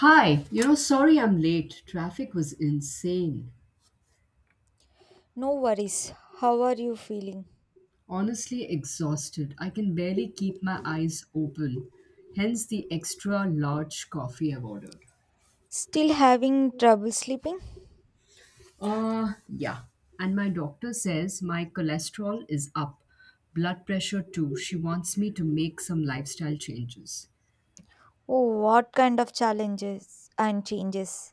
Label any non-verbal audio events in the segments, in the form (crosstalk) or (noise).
Sorry I'm late. Traffic was insane. No worries. How are you feeling? Honestly, exhausted. I can barely keep my eyes open. Hence the extra large coffee I've ordered. Still having trouble sleeping? Yeah. And my doctor says my cholesterol is up, blood pressure too. She wants me to make some lifestyle changes. Oh, what kind of challenges and changes?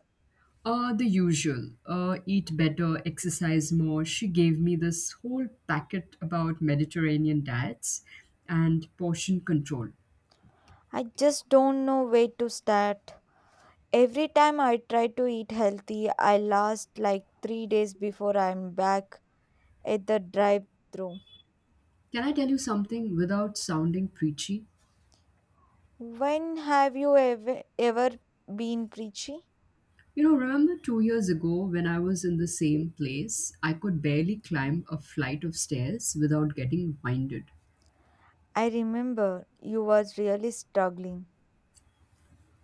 The usual. Eat better, exercise more. She gave me this whole packet about Mediterranean diets and portion control. I just don't know where to start. Every time I try to eat healthy, I last like 3 days before I'm back at the drive through. Can I tell you something without sounding preachy? When have you ever, ever been preachy? You know, remember 2 years ago when I was in the same place, I could barely climb a flight of stairs without getting winded. I remember you was really struggling.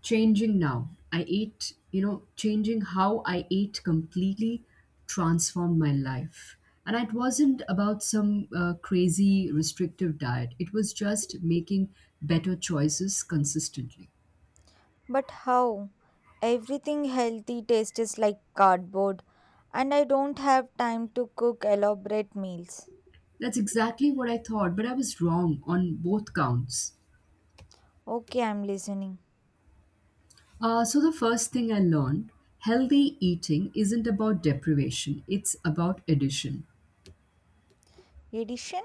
Changing now. I ate, you know, Changing how I ate completely transformed my life. And it wasn't about some crazy restrictive diet, it was just making better choices consistently. But how? Everything healthy tastes like cardboard, and I don't have time to cook elaborate meals. That's exactly what I thought, but I was wrong on both counts. Okay, I'm listening. So, the first thing I learned, healthy eating isn't about deprivation, it's about addition. Addition?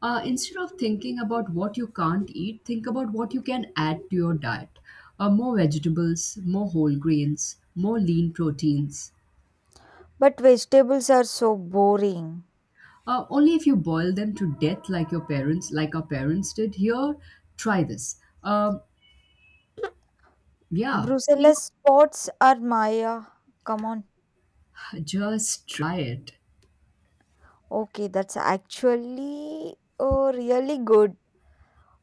Instead of thinking about what you can't eat, think about what you can add to your diet, more vegetables, more whole grains, more lean proteins. But vegetables are so boring. Only if you boil them to death, like your parents, like our parents did here, try this. Um yeah, see, Brussels spots are Maya. Come on. just try it. Okay, that's actually oh, really good.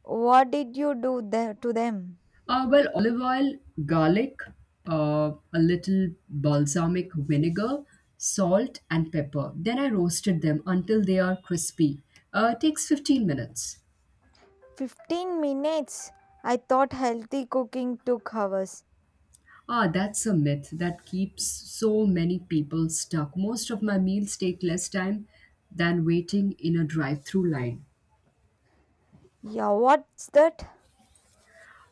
What did you do there to them? Well, olive oil, garlic, a little balsamic vinegar, salt, and pepper. Then I roasted them until they are crispy. Takes 15 minutes. 15 minutes. I thought healthy cooking took hours. Ah, that's a myth that keeps so many people stuck. Most of my meals take less time than waiting in a drive through line. Yeah, what's that?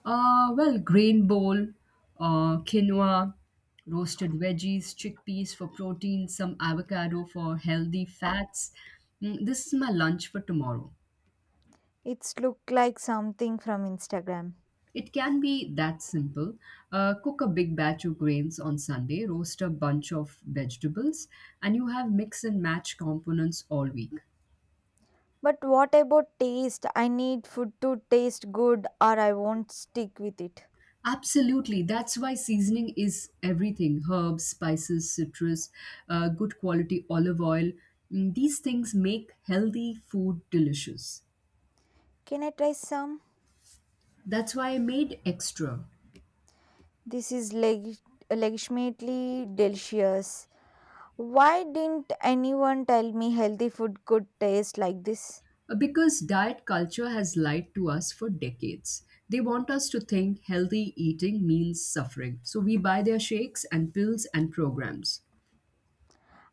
Well, grain bowl, quinoa, roasted veggies, chickpeas for protein, some avocado for healthy fats. Mm, this is my lunch for tomorrow. It's look like something from Instagram. It can be that simple. Cook a big batch of grains on Sunday, roast a bunch of vegetables, and you have mix and match components all week. But what about taste? I need food to taste good or I won't stick with it. Absolutely. That's why seasoning is everything, herbs, spices, citrus, good quality olive oil. Mm, these things make healthy food delicious. Can I try some? That's why I made extra. This is legitimately delicious. Why didn't anyone tell me healthy food could taste like this? Because diet culture has lied to us for decades. They want us to think healthy eating means suffering. So we buy their shakes and pills and programs.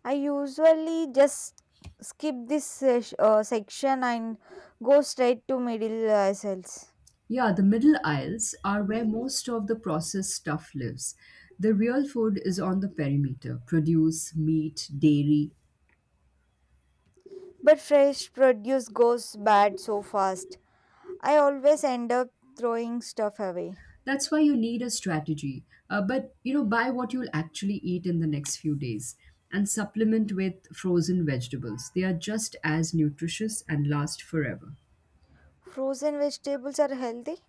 I usually just skip this section and go straight to middle aisles. Yeah, the middle aisles are where most of the processed stuff lives. The real food is on the perimeter, produce, meat, dairy. But fresh produce goes bad so fast. I always end up throwing stuff away. That's why you need a strategy. Buy what you'll actually eat in the next few days and supplement with frozen vegetables. They are just as nutritious and last forever. Frozen vegetables are healthy?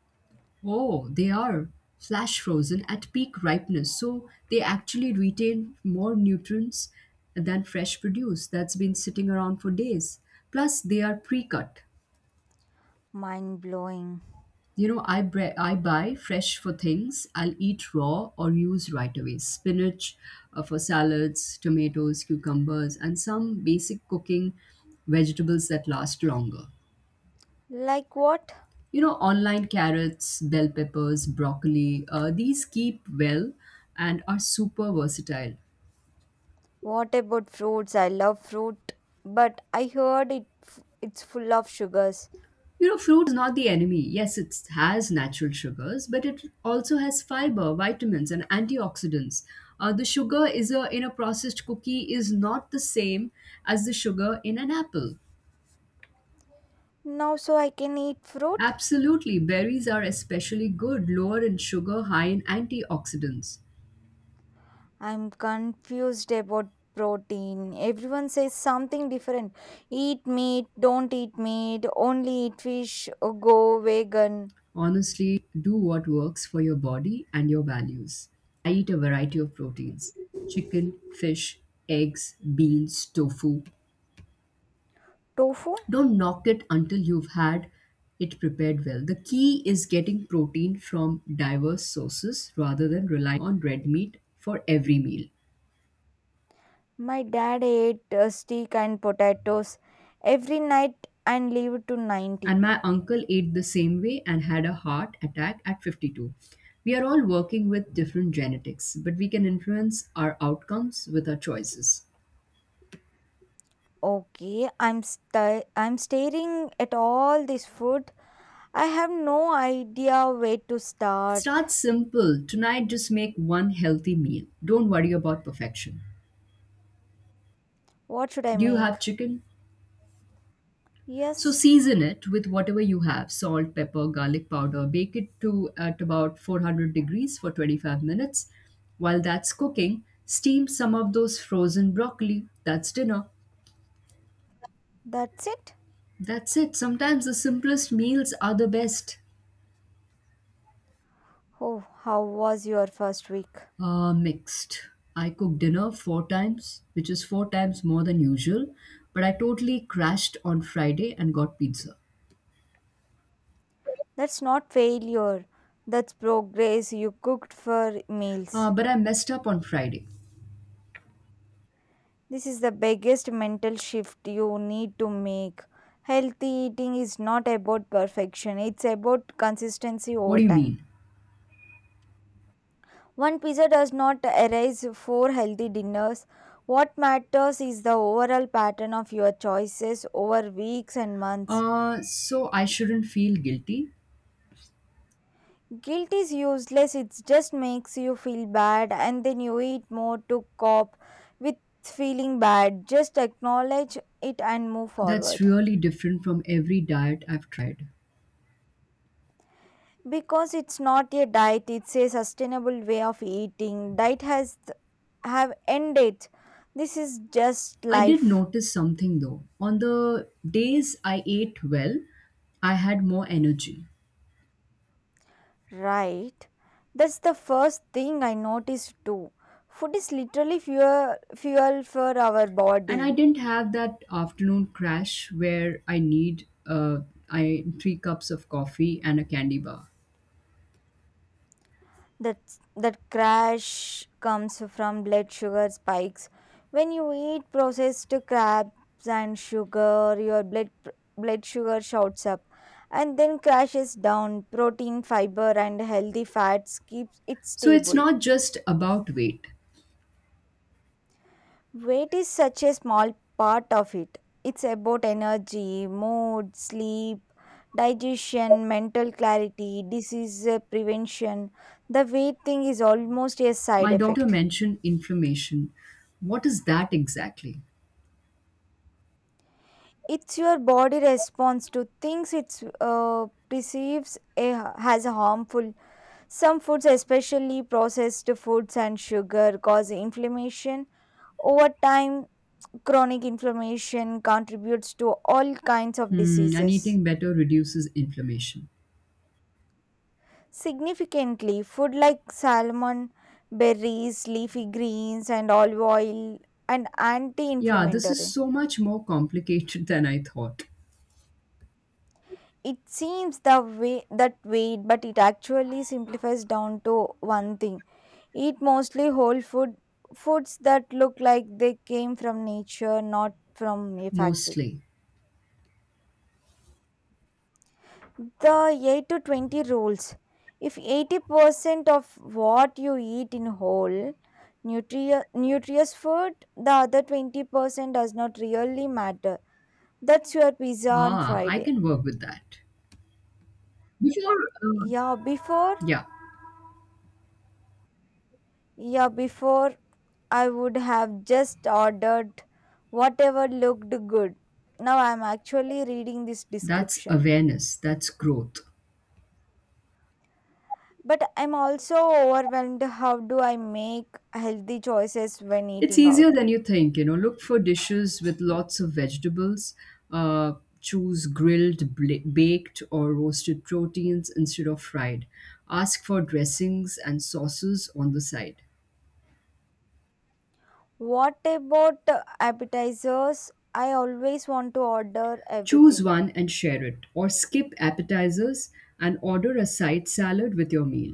Oh, they are flash frozen at peak ripeness. So they actually retain more nutrients than fresh produce that's been sitting around for days. Plus, they are pre cut. Mind blowing. You know, I buy fresh for things I'll eat raw or use right away. Spinach for salads, tomatoes, cucumbers, and some basic cooking vegetables that last longer. Like what? You know, online, carrots, bell peppers, broccoli, these keep well and are super versatile. What about fruits? I love fruit, but I heard it f- it's full of sugars. You know, fruit is not the enemy. Yes, it has natural sugars, but it also has fiber, vitamins, and antioxidants. The sugar is a in a processed cookie is not the same as the sugar in an apple. Now so I can eat fruit? Absolutely, berries are especially good, lower in sugar, high in antioxidants. I'm confused about protein. Everyone says something different. Eat meat, don't eat meat, only eat fish, or go vegan. Honestly, do what works for your body and your values. I eat a variety of proteins, chicken, fish, eggs, beans, tofu. Tofu? Don't knock it until you've had it prepared well. The key is getting protein from diverse sources rather than relying on red meat for every meal. My dad ate steak and potatoes every night and lived to 90. And my uncle ate the same way and had a heart attack at 52. We are all working with different genetics, but we can influence our outcomes with our choices. Okay, I'm staring at all this food. I have no idea where to start. Start simple. Tonight, just make one healthy meal. Don't worry about perfection. What should I Do you have make? chicken? So Yes, season it with whatever you have, salt, pepper, garlic powder. Bake it to at about 400 degrees for 25 minutes. While that's cooking, steam some of those frozen broccoli. That's dinner. that's it. That's it. Sometimes the simplest meals are the best. Oh, how was your first week? Mixed. I cooked dinner four times, which is four times more than usual, but I totally crashed on Friday and got pizza. That's not failure. That's progress. You cooked for Uh, meals. but I messed up on Friday. This is the biggest mental shift you need to make. Healthy eating is not about perfection, it's about consistency What over do you time. mean? One pizza does not erase four healthy dinners. What matters is the overall pattern of your choices over weeks and months. So I shouldn't feel guilty. Guilt is useless, it just makes you feel bad, and then you eat more to cope with feeling bad. Just acknowledge it and move That's forward. really different from every diet I've tried. Because it's not a diet, it's a sustainable way of eating. Diet has have end date. This is just I did life. notice something though. On the days I ate well, I had more energy. Right, that's the first thing I noticed too. Food is literally fuel for our And body. I didn't have that afternoon crash where I need three cups of coffee and a candy bar. That that crash comes from blood sugar spikes. When you eat processed crabs and sugar, your blood sugar shoots up and then crashes down. Protein, fiber, and healthy fats keeps it So it's stable. not just about weight. Weight is such a small part of it. It's about energy, mood, sleep, digestion, mental clarity, disease prevention. The weight thing is almost a side My doctor effect. mentioned inflammation. What is that exactly? It's your body response to things it's perceives as harmful. Some foods, especially processed foods and sugar, cause inflammation. Over time, chronic inflammation contributes to all kinds of Hmm, and diseases. eating better reduces inflammation. Significantly, food like salmon, berries, leafy greens, and olive oil and Yeah, this is anti-inflammatory. so much more complicated (laughs) than I thought. It seems the way that way, but it actually simplifies down to one thing. Eat mostly whole foods, that look like they came from nature, not from a factory. Mostly. The 8 to 20 rules. If 80% of what you eat in whole nutritious food, the other 20% does not really matter. That's your pizza on Ah, I Friday. can work with that. Before, uh, Yeah, before yeah. yeah, before I would have just ordered whatever looked good. Now I'm actually reading this That's description. awareness, that's growth. But I'm also overwhelmed. How do I make healthy choices when It's eating easier out? than you think, you know. Look for dishes with lots of vegetables. Uh, choose grilled, baked, or roasted proteins instead of fried. Ask for dressings and sauces on the side. What about appetizers? I always want to order Choose everything. one and share it, or skip appetizers and order a side salad with your meal.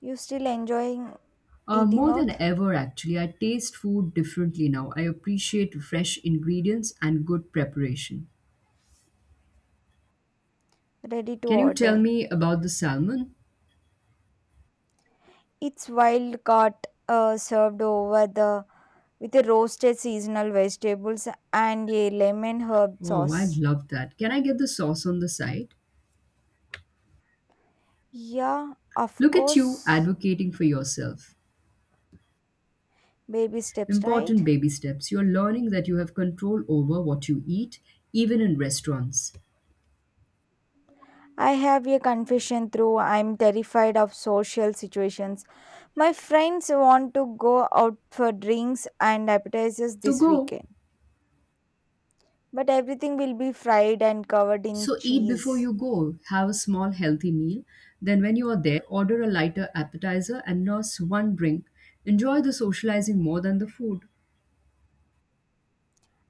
You still enjoying Uh, eating more than out? ever, actually, I taste food differently now. I appreciate fresh ingredients and good preparation. Ready to Can you tell order. me about the salmon? It's wild caught, served over the with a roasted seasonal vegetables and a lemon herb Oh, I sauce. love that. Can I get the sauce on the side? Yeah, of Look at you course. advocating for yourself. Baby steps, right? Important baby steps. You're learning that you have control over what you eat, even in restaurants. I have a confession through, I'm terrified of social situations. My friends want to go out for drinks and appetizers So this go. weekend, but everything will be fried and covered in So eat before cheese. you go. Have a small healthy meal. Then, when you are there, order a lighter appetizer and nurse one drink. Enjoy the socializing more than the food.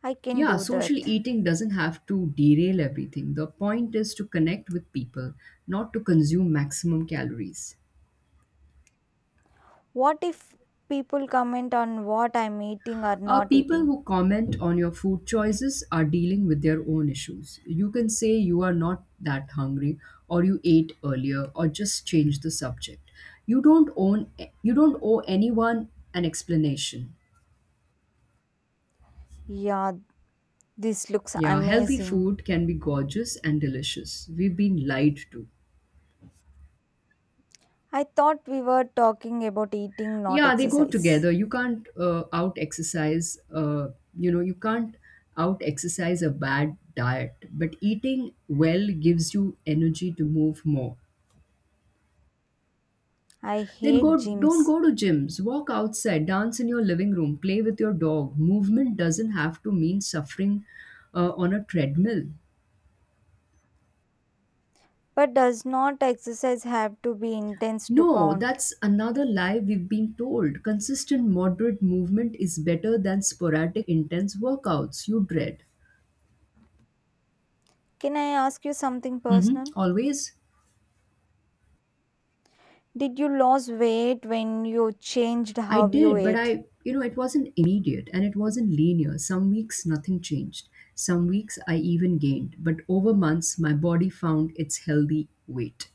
I can Yeah, do social that. eating doesn't have to derail everything. The point is to connect with people, not to consume maximum calories. What if people comment on what I'm eating or Uh, not people eating? who comment on your food choices are dealing with their own issues. You can say you are not that hungry, or you ate earlier, or just change the subject. You don't own. You don't owe anyone an explanation. Yeah, this looks Yeah, healthy amazing. food can be gorgeous and delicious. We've been lied to. I thought we were talking about eating, not Yeah, they go exercise. together. You can't out exercise. You can't out exercise a bad diet, but eating well gives you energy to move more. I Then hate go, don't gyms. go to gyms, walk outside, dance in your living room, play with your dog. Movement doesn't have to mean suffering on a treadmill. But does not exercise have to be intense to No, count? that's another lie we've been told. Consistent moderate movement is better than sporadic intense workouts you dread. Can I ask you something Mhm, personal? always? Did you lose weight when you changed I how you did, but ate? It wasn't immediate and it wasn't linear. Some weeks nothing changed. Some weeks I even gained, but over months my body found its healthy weight.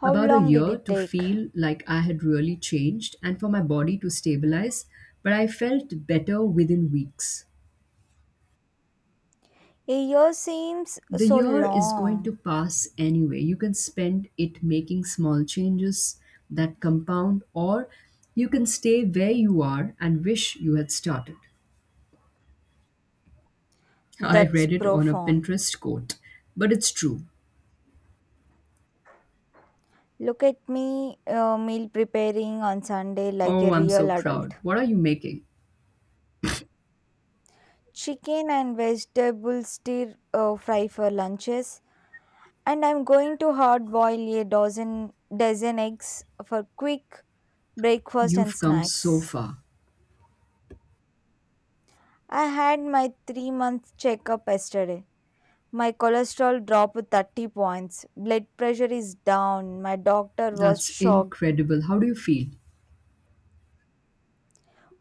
How About a long did year it to take? feel like I had really changed and for my body to stabilize, but I felt better within weeks. A year seems The so year is going to long. pass anyway. You can spend it making small changes that compound, or you can stay where you are and wish you had started. I That's read it on a profound. Pinterest quote, but it's true. Look at me, meal preparing on Sunday like Oh, a I'm so real adult. proud. What are you making? Chicken and vegetable stir fry for lunches, and I'm going to hard boil a dozen eggs for quick breakfast and You've come so snacks. far. I had my 3-month checkup yesterday. My cholesterol dropped 30 points. Blood pressure is down. My doctor was That's shocked. incredible. How do you feel?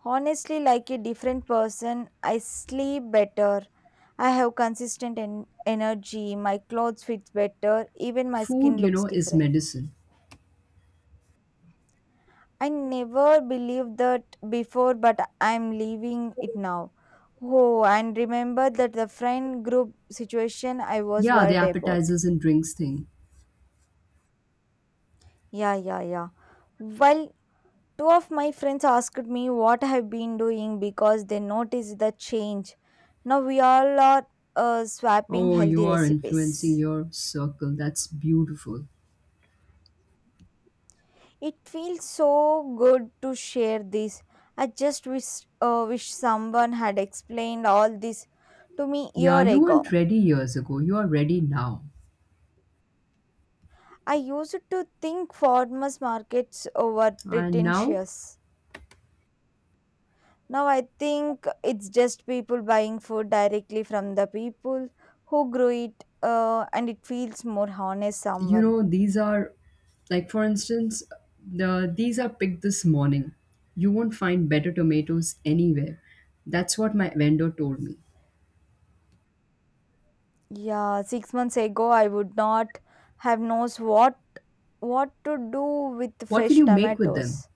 Honestly, like a different person. I sleep better. I have consistent energy. My clothes fit better. Even my skin Food, you looks know, is different. medicine. I never believed that before, but I'm leaving it now. Oh, and remember that the friend group situation I was Yeah, the worried about. appetizers and drinks thing. Yeah, yeah, yeah. Well, two of my friends asked me what I've been doing because they noticed the change. Now we all are, swapping Oh, healthy you are influencing recipes. your circle. That's beautiful. It feels so good to share this. I just wish someone had explained all this to me Yeah, year you weren't ago. ready years ago. You are ready now. I used to think farmers markets were And now, pretentious. Now I think it's just people buying food directly from the people who grow it, and it feels more honest. These are, like for instance, these are picked this morning. You won't find better tomatoes anywhere. That's what my vendor told me. Yeah, 6 months ago I would not have knows what to do with What will fresh you make with them? tomatoes.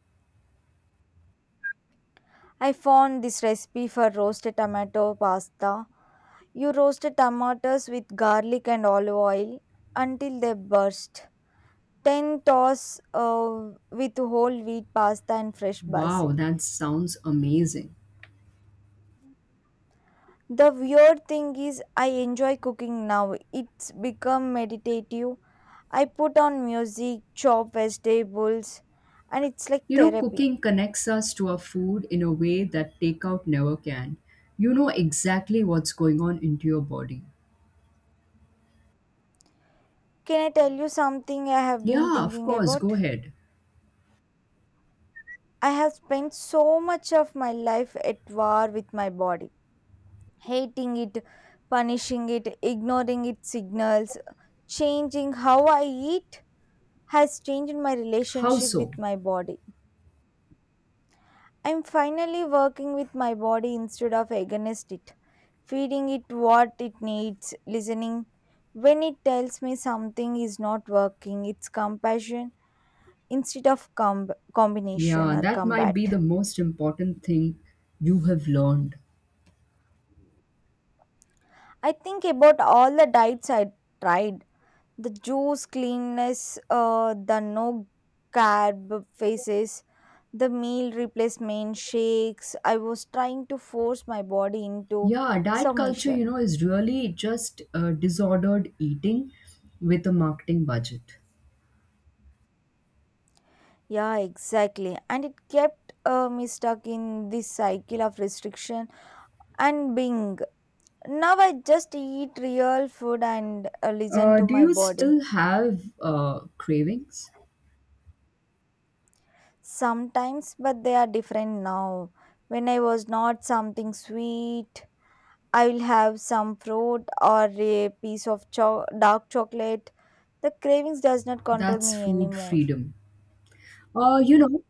I found this recipe for roasted tomato pasta. You roast the tomatoes with garlic and olive oil until they burst. 10, toss with whole wheat pasta and fresh Wow, basil. that sounds amazing. The weird thing is, I enjoy cooking now. It's become meditative. I put on music, chop vegetables, and it's like You know, therapy. cooking connects us to our food in a way that takeout never can. You know exactly what's going on into your body. Can I tell you something I have been Yeah, of thinking course, about? go ahead. I have spent so much of my life at war with my body, hating it, punishing it, ignoring its signals. Changing how I eat has changed my How relationship so? with my body. I'm finally working with my body instead of against it, feeding it what it needs, listening when it tells me something is not working. It's compassion instead of combination Yeah, or that might be the combat. most important thing you have learned. I think about all the diets I tried, the juice, cleanness, the no carb phases, the meal replacement shakes I was trying to force my body into Yeah, diet culture, you know, submission. is really just disordered eating with a marketing budget. Yeah, exactly, and it kept me stuck in this cycle of restriction and being. Now I just eat real food and listen Uh, to do my you body. still have cravings? Sometimes, but they are different now. When I was not something sweet, I will have some fruit or a piece of dark chocolate. The cravings does not control That's me food anymore. freedom. Uh, you know,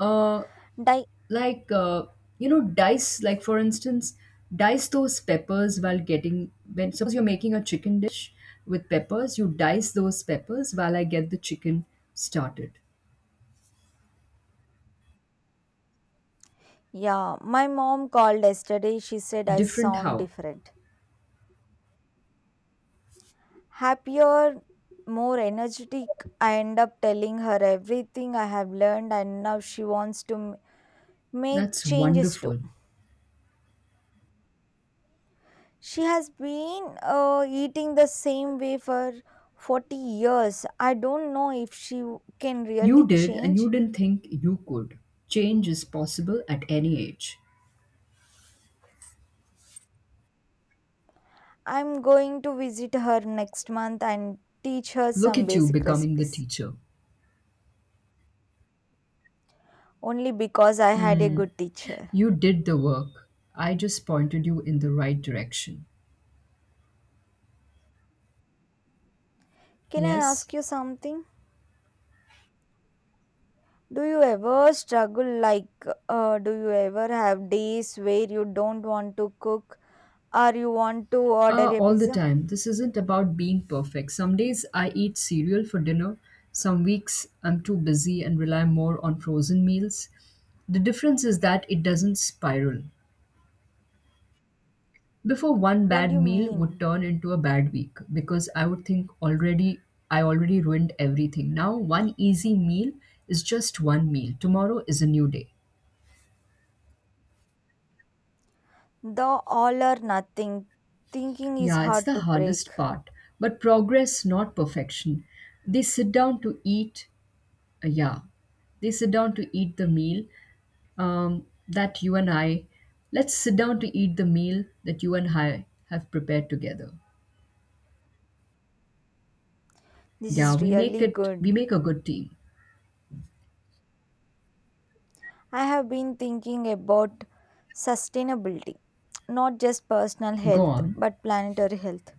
uh, Di- like uh, Dice, like for instance, dice those peppers while getting, when suppose you're making a chicken dish with peppers, you dice those peppers while I get the chicken started. yeah, my mom called yesterday. She said I Different sound how? different, happier, more energetic. I end up telling her everything I have learned, and now she wants to make That's changes too. wonderful. She has been, eating the same way for 40 years. I don't know if she can You really did and you change. didn't think you could. Change is possible at any age. I'm going to visit her next month and teach her Look some at you basic becoming the recipes, teacher. only because I had a good teacher. You did the work, I just pointed you in the right direction. Can I Yes. ask you something? Do you ever struggle, like, do you ever have days where you don't want to cook or you want to order Uh, a all the pizza? time. This isn't about being perfect. Some days I eat cereal for dinner. Some weeks I'm too busy and rely more on frozen meals. The difference is that it doesn't spiral. Before, one What do bad you meal would mean? turn into a bad week because I would think already I already ruined everything. Now one easy meal is just one meal. Tomorrow is a new day. The all or nothing thinking is Yeah, it's hard the to break. hardest part. But progress, not perfection. They sit down to eat, yeah, they sit down to eat the meal that you and I, let's sit down to eat the meal that you and I have prepared together. This Yeah, is really we good. make a good team. I have been thinking about sustainability, not just personal Go health, on. but planetary health.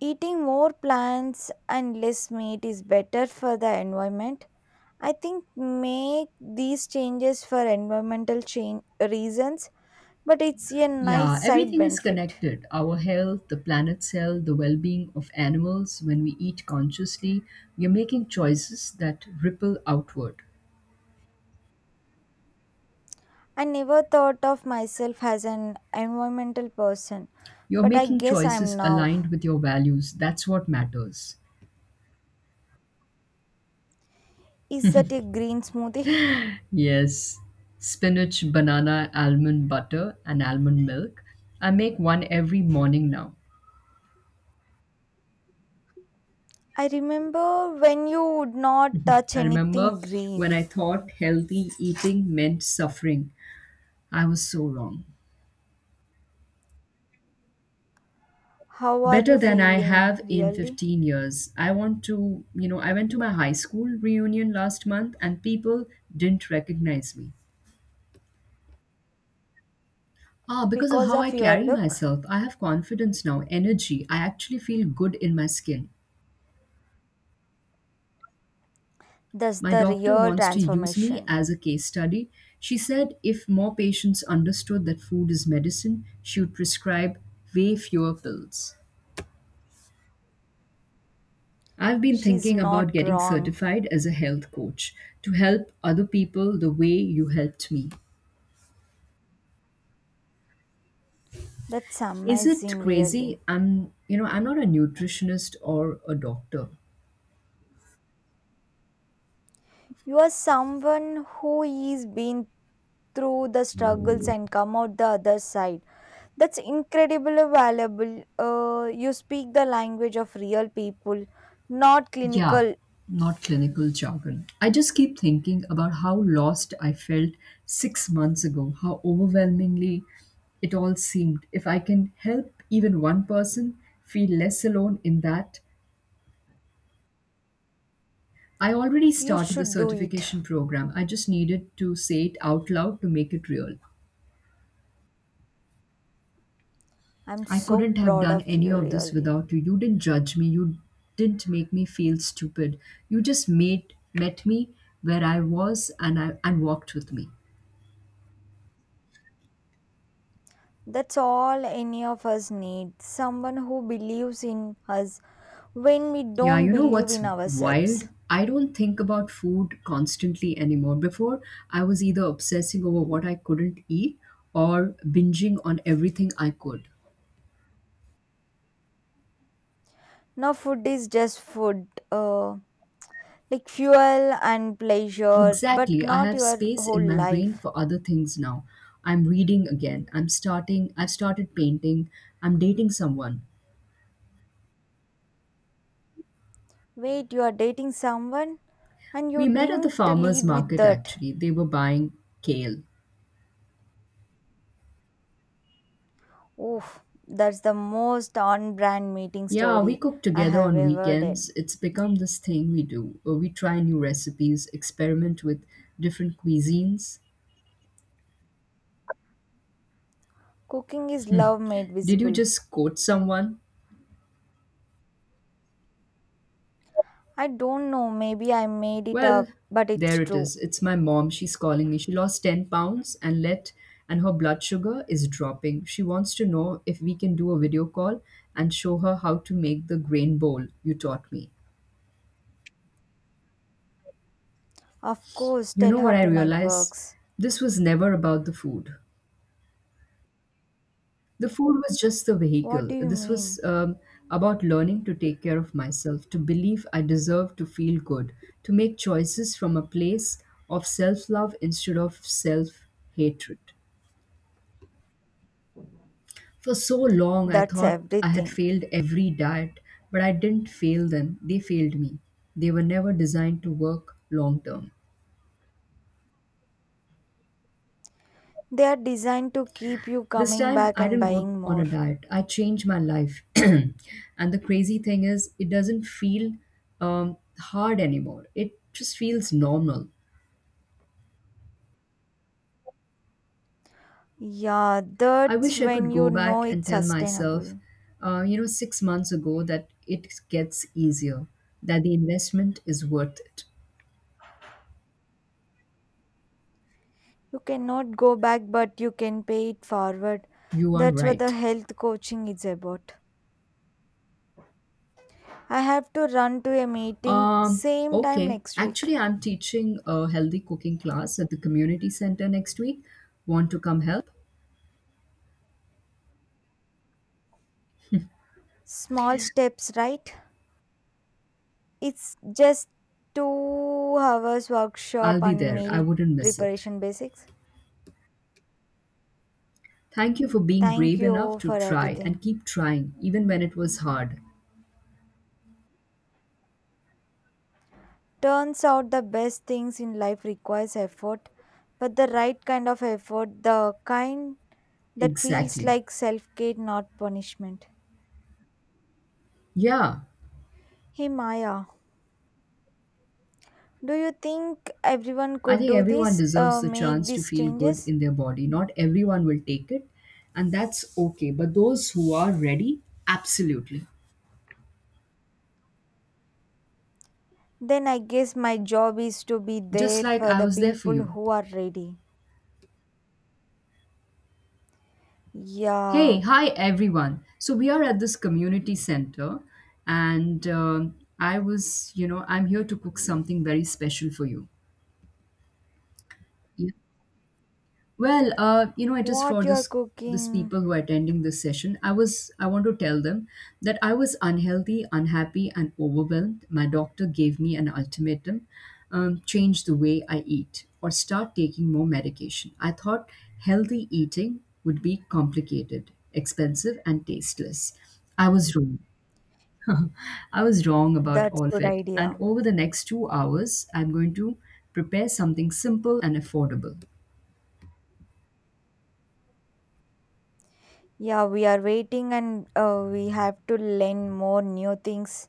Eating more plants and less meat is better for the environment. I think make these changes for environmental change reasons, but it's a nice Yeah, side everything is benefit. connected, our health, the planet's health, the well being of animals. When we eat consciously, you're making choices that ripple outward. I never thought of myself as an environmental person, You're but I making guess I'm choices now. aligned with your values. That's what matters. Is that a green smoothie? Yes, spinach, banana, almond butter, and almond milk. I make one every morning now. I remember when you would not touch I remember anything when green. I thought healthy eating meant suffering. I was so wrong. How are Better you than I feeling, have in really? 15 years. I want to, you know, I went to my high school reunion last month and people didn't recognize me. Ah, because of Because how I of your carry look? myself, I have confidence now, energy. I actually feel good in my skin. That's My the doctor real wants to use me transformation. as a case study. She said if more patients understood that food is medicine, she would prescribe way fewer pills. I've been She's thinking about not getting wrong. certified as a health coach to help other people the way you helped me. That's Is it amazing, really. crazy? I'm not a nutritionist or a doctor. You are someone who is been through the struggles and come out the other side. That's incredibly valuable. You speak the language of real people, not Yeah, clinical. not clinical jargon. I just keep thinking about how lost I felt 6 months ago, how overwhelmingly it all seemed. If I can help even one person feel less alone in that, I already You started the should do it. certification program. I just needed to say it out loud to make it real. I'm I so couldn't have proud done of any you, of this really. without you. You didn't judge me. You didn't make me feel stupid. You just made met me where I was and walked with me. That's all any of us need, someone who believes in us when we Yeah, don't you know believe what's in wild? ourselves. I don't think about food constantly anymore. Before, I was either obsessing over what I couldn't eat or binging on everything I could. Now, food is just food, like fuel and pleasure, but Exactly. I not have your space whole in my brain life. for other things now. I'm reading again. I've started painting. I'm dating someone. Wait, you are dating someone and We you met at the didn't farmer's lead with market that. actually. They were buying kale. Oof, that's the most on brand meeting Yeah, we story cook I together have on ever did. weekends. It's become this thing we do. We try new recipes, experiment with different cuisines. Cooking is love made Did you visible. just quote someone? I don't know, maybe I made it Well, up, but there it's it true. is. It's my mom. She's calling me. She lost 10 pounds and her blood sugar is dropping. She wants to know if we can do a video call and show her how to make the grain bowl you taught me. Of course, You tell know what her I tonight realize? works. This was never about the food. The food was just the What vehicle. do you This was mean? um, about learning to take care of myself, to believe I deserve to feel good, to make choices from a place of self love instead of self hatred. For so long, I That's thought I had everything. failed every diet, but I didn't fail them. They failed me. They were never designed to work long term. They are designed to keep you This coming time, back I and didn't go buying on a more. diet. I changed my life. (clears throat) And the crazy thing is, it doesn't feel hard anymore. It just feels normal. Yeah, I that's wish I could when go you know back and it's tell myself, sustainable. 6 months ago, that it gets easier, that the investment is worth it. You cannot go back, but you can pay it forward. You are That's what the right. health coaching is about. I have to run to a meeting, Um, same time okay. next week. Actually, I'm teaching a healthy cooking class at the community center next week. Want to come help? Small steps, right? It's just 2 hours I'll workshop be on there. I meal wouldn't miss it. preparation basics. Thank you for being Thank brave enough you to for try and everything. keep trying, even when it was hard. Turns out the best things in life requires effort, but the right kind of effort, the kind that feels Exactly. like self-care, not punishment. Yeah, Hey Maya, do you think everyone I could think do everyone this, deserves the make chance to these feel good changes? in their body. Not everyone will take it, and that's okay. But those who are ready, absolutely. Then I guess my job is to be Just there like for I the was there for people you. who are ready. Hey, Yeah, hi everyone. So we are at this community center, and I was, you know, I'm here to cook something very special for you. Yeah. Well, it is what for you're this cooking, people who are attending this session. I want to tell them that I was unhealthy, unhappy, and overwhelmed. My doctor gave me an ultimatum: change the way I eat or start taking more medication. I thought healthy eating would be complicated, expensive, and tasteless. I was wrong. I was wrong about that's all of good it. And idea. over the next 2 hours, I'm going to prepare something simple and affordable. Yeah, we are waiting, and we have to learn more new things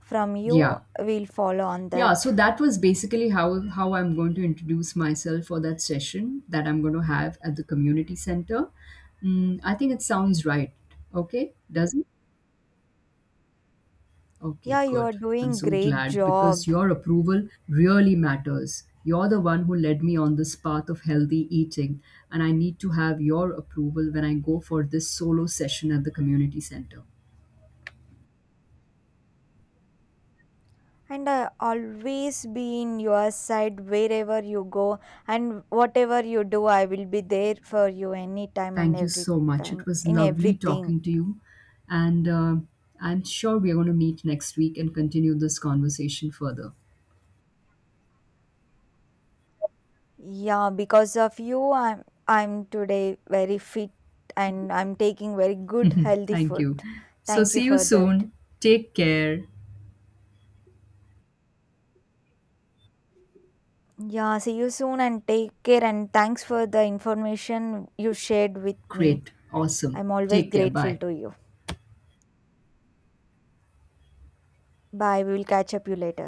from you. Yeah, We'll follow on yeah, so that. that was basically how I'm going to introduce myself for that session that I'm going to have at the community center. Mm, I think it sounds right. Okay, does it? Okay, Yeah, you are good. I'm doing so great glad because job. your approval really matters. You're the one who led me on this path of healthy eating, and I need to have your approval when I go for this solo session at the community center. And I always be in your side wherever you go and whatever you do. I will be there for you anytime and Thank you every so much. It time was in lovely everything. talking to you. And I'm sure we are going to meet next week and continue this conversation further. Yeah, because of you, I'm I'm today very fit, and I'm taking very good healthy Thank food. you. So, Thank you see you for that. soon. Take care. Yeah, see you soon, and take care, and thanks for the information you shared with me. Great. Awesome. I'm always Take care. grateful Bye. to you. Bye, we will catch up you later.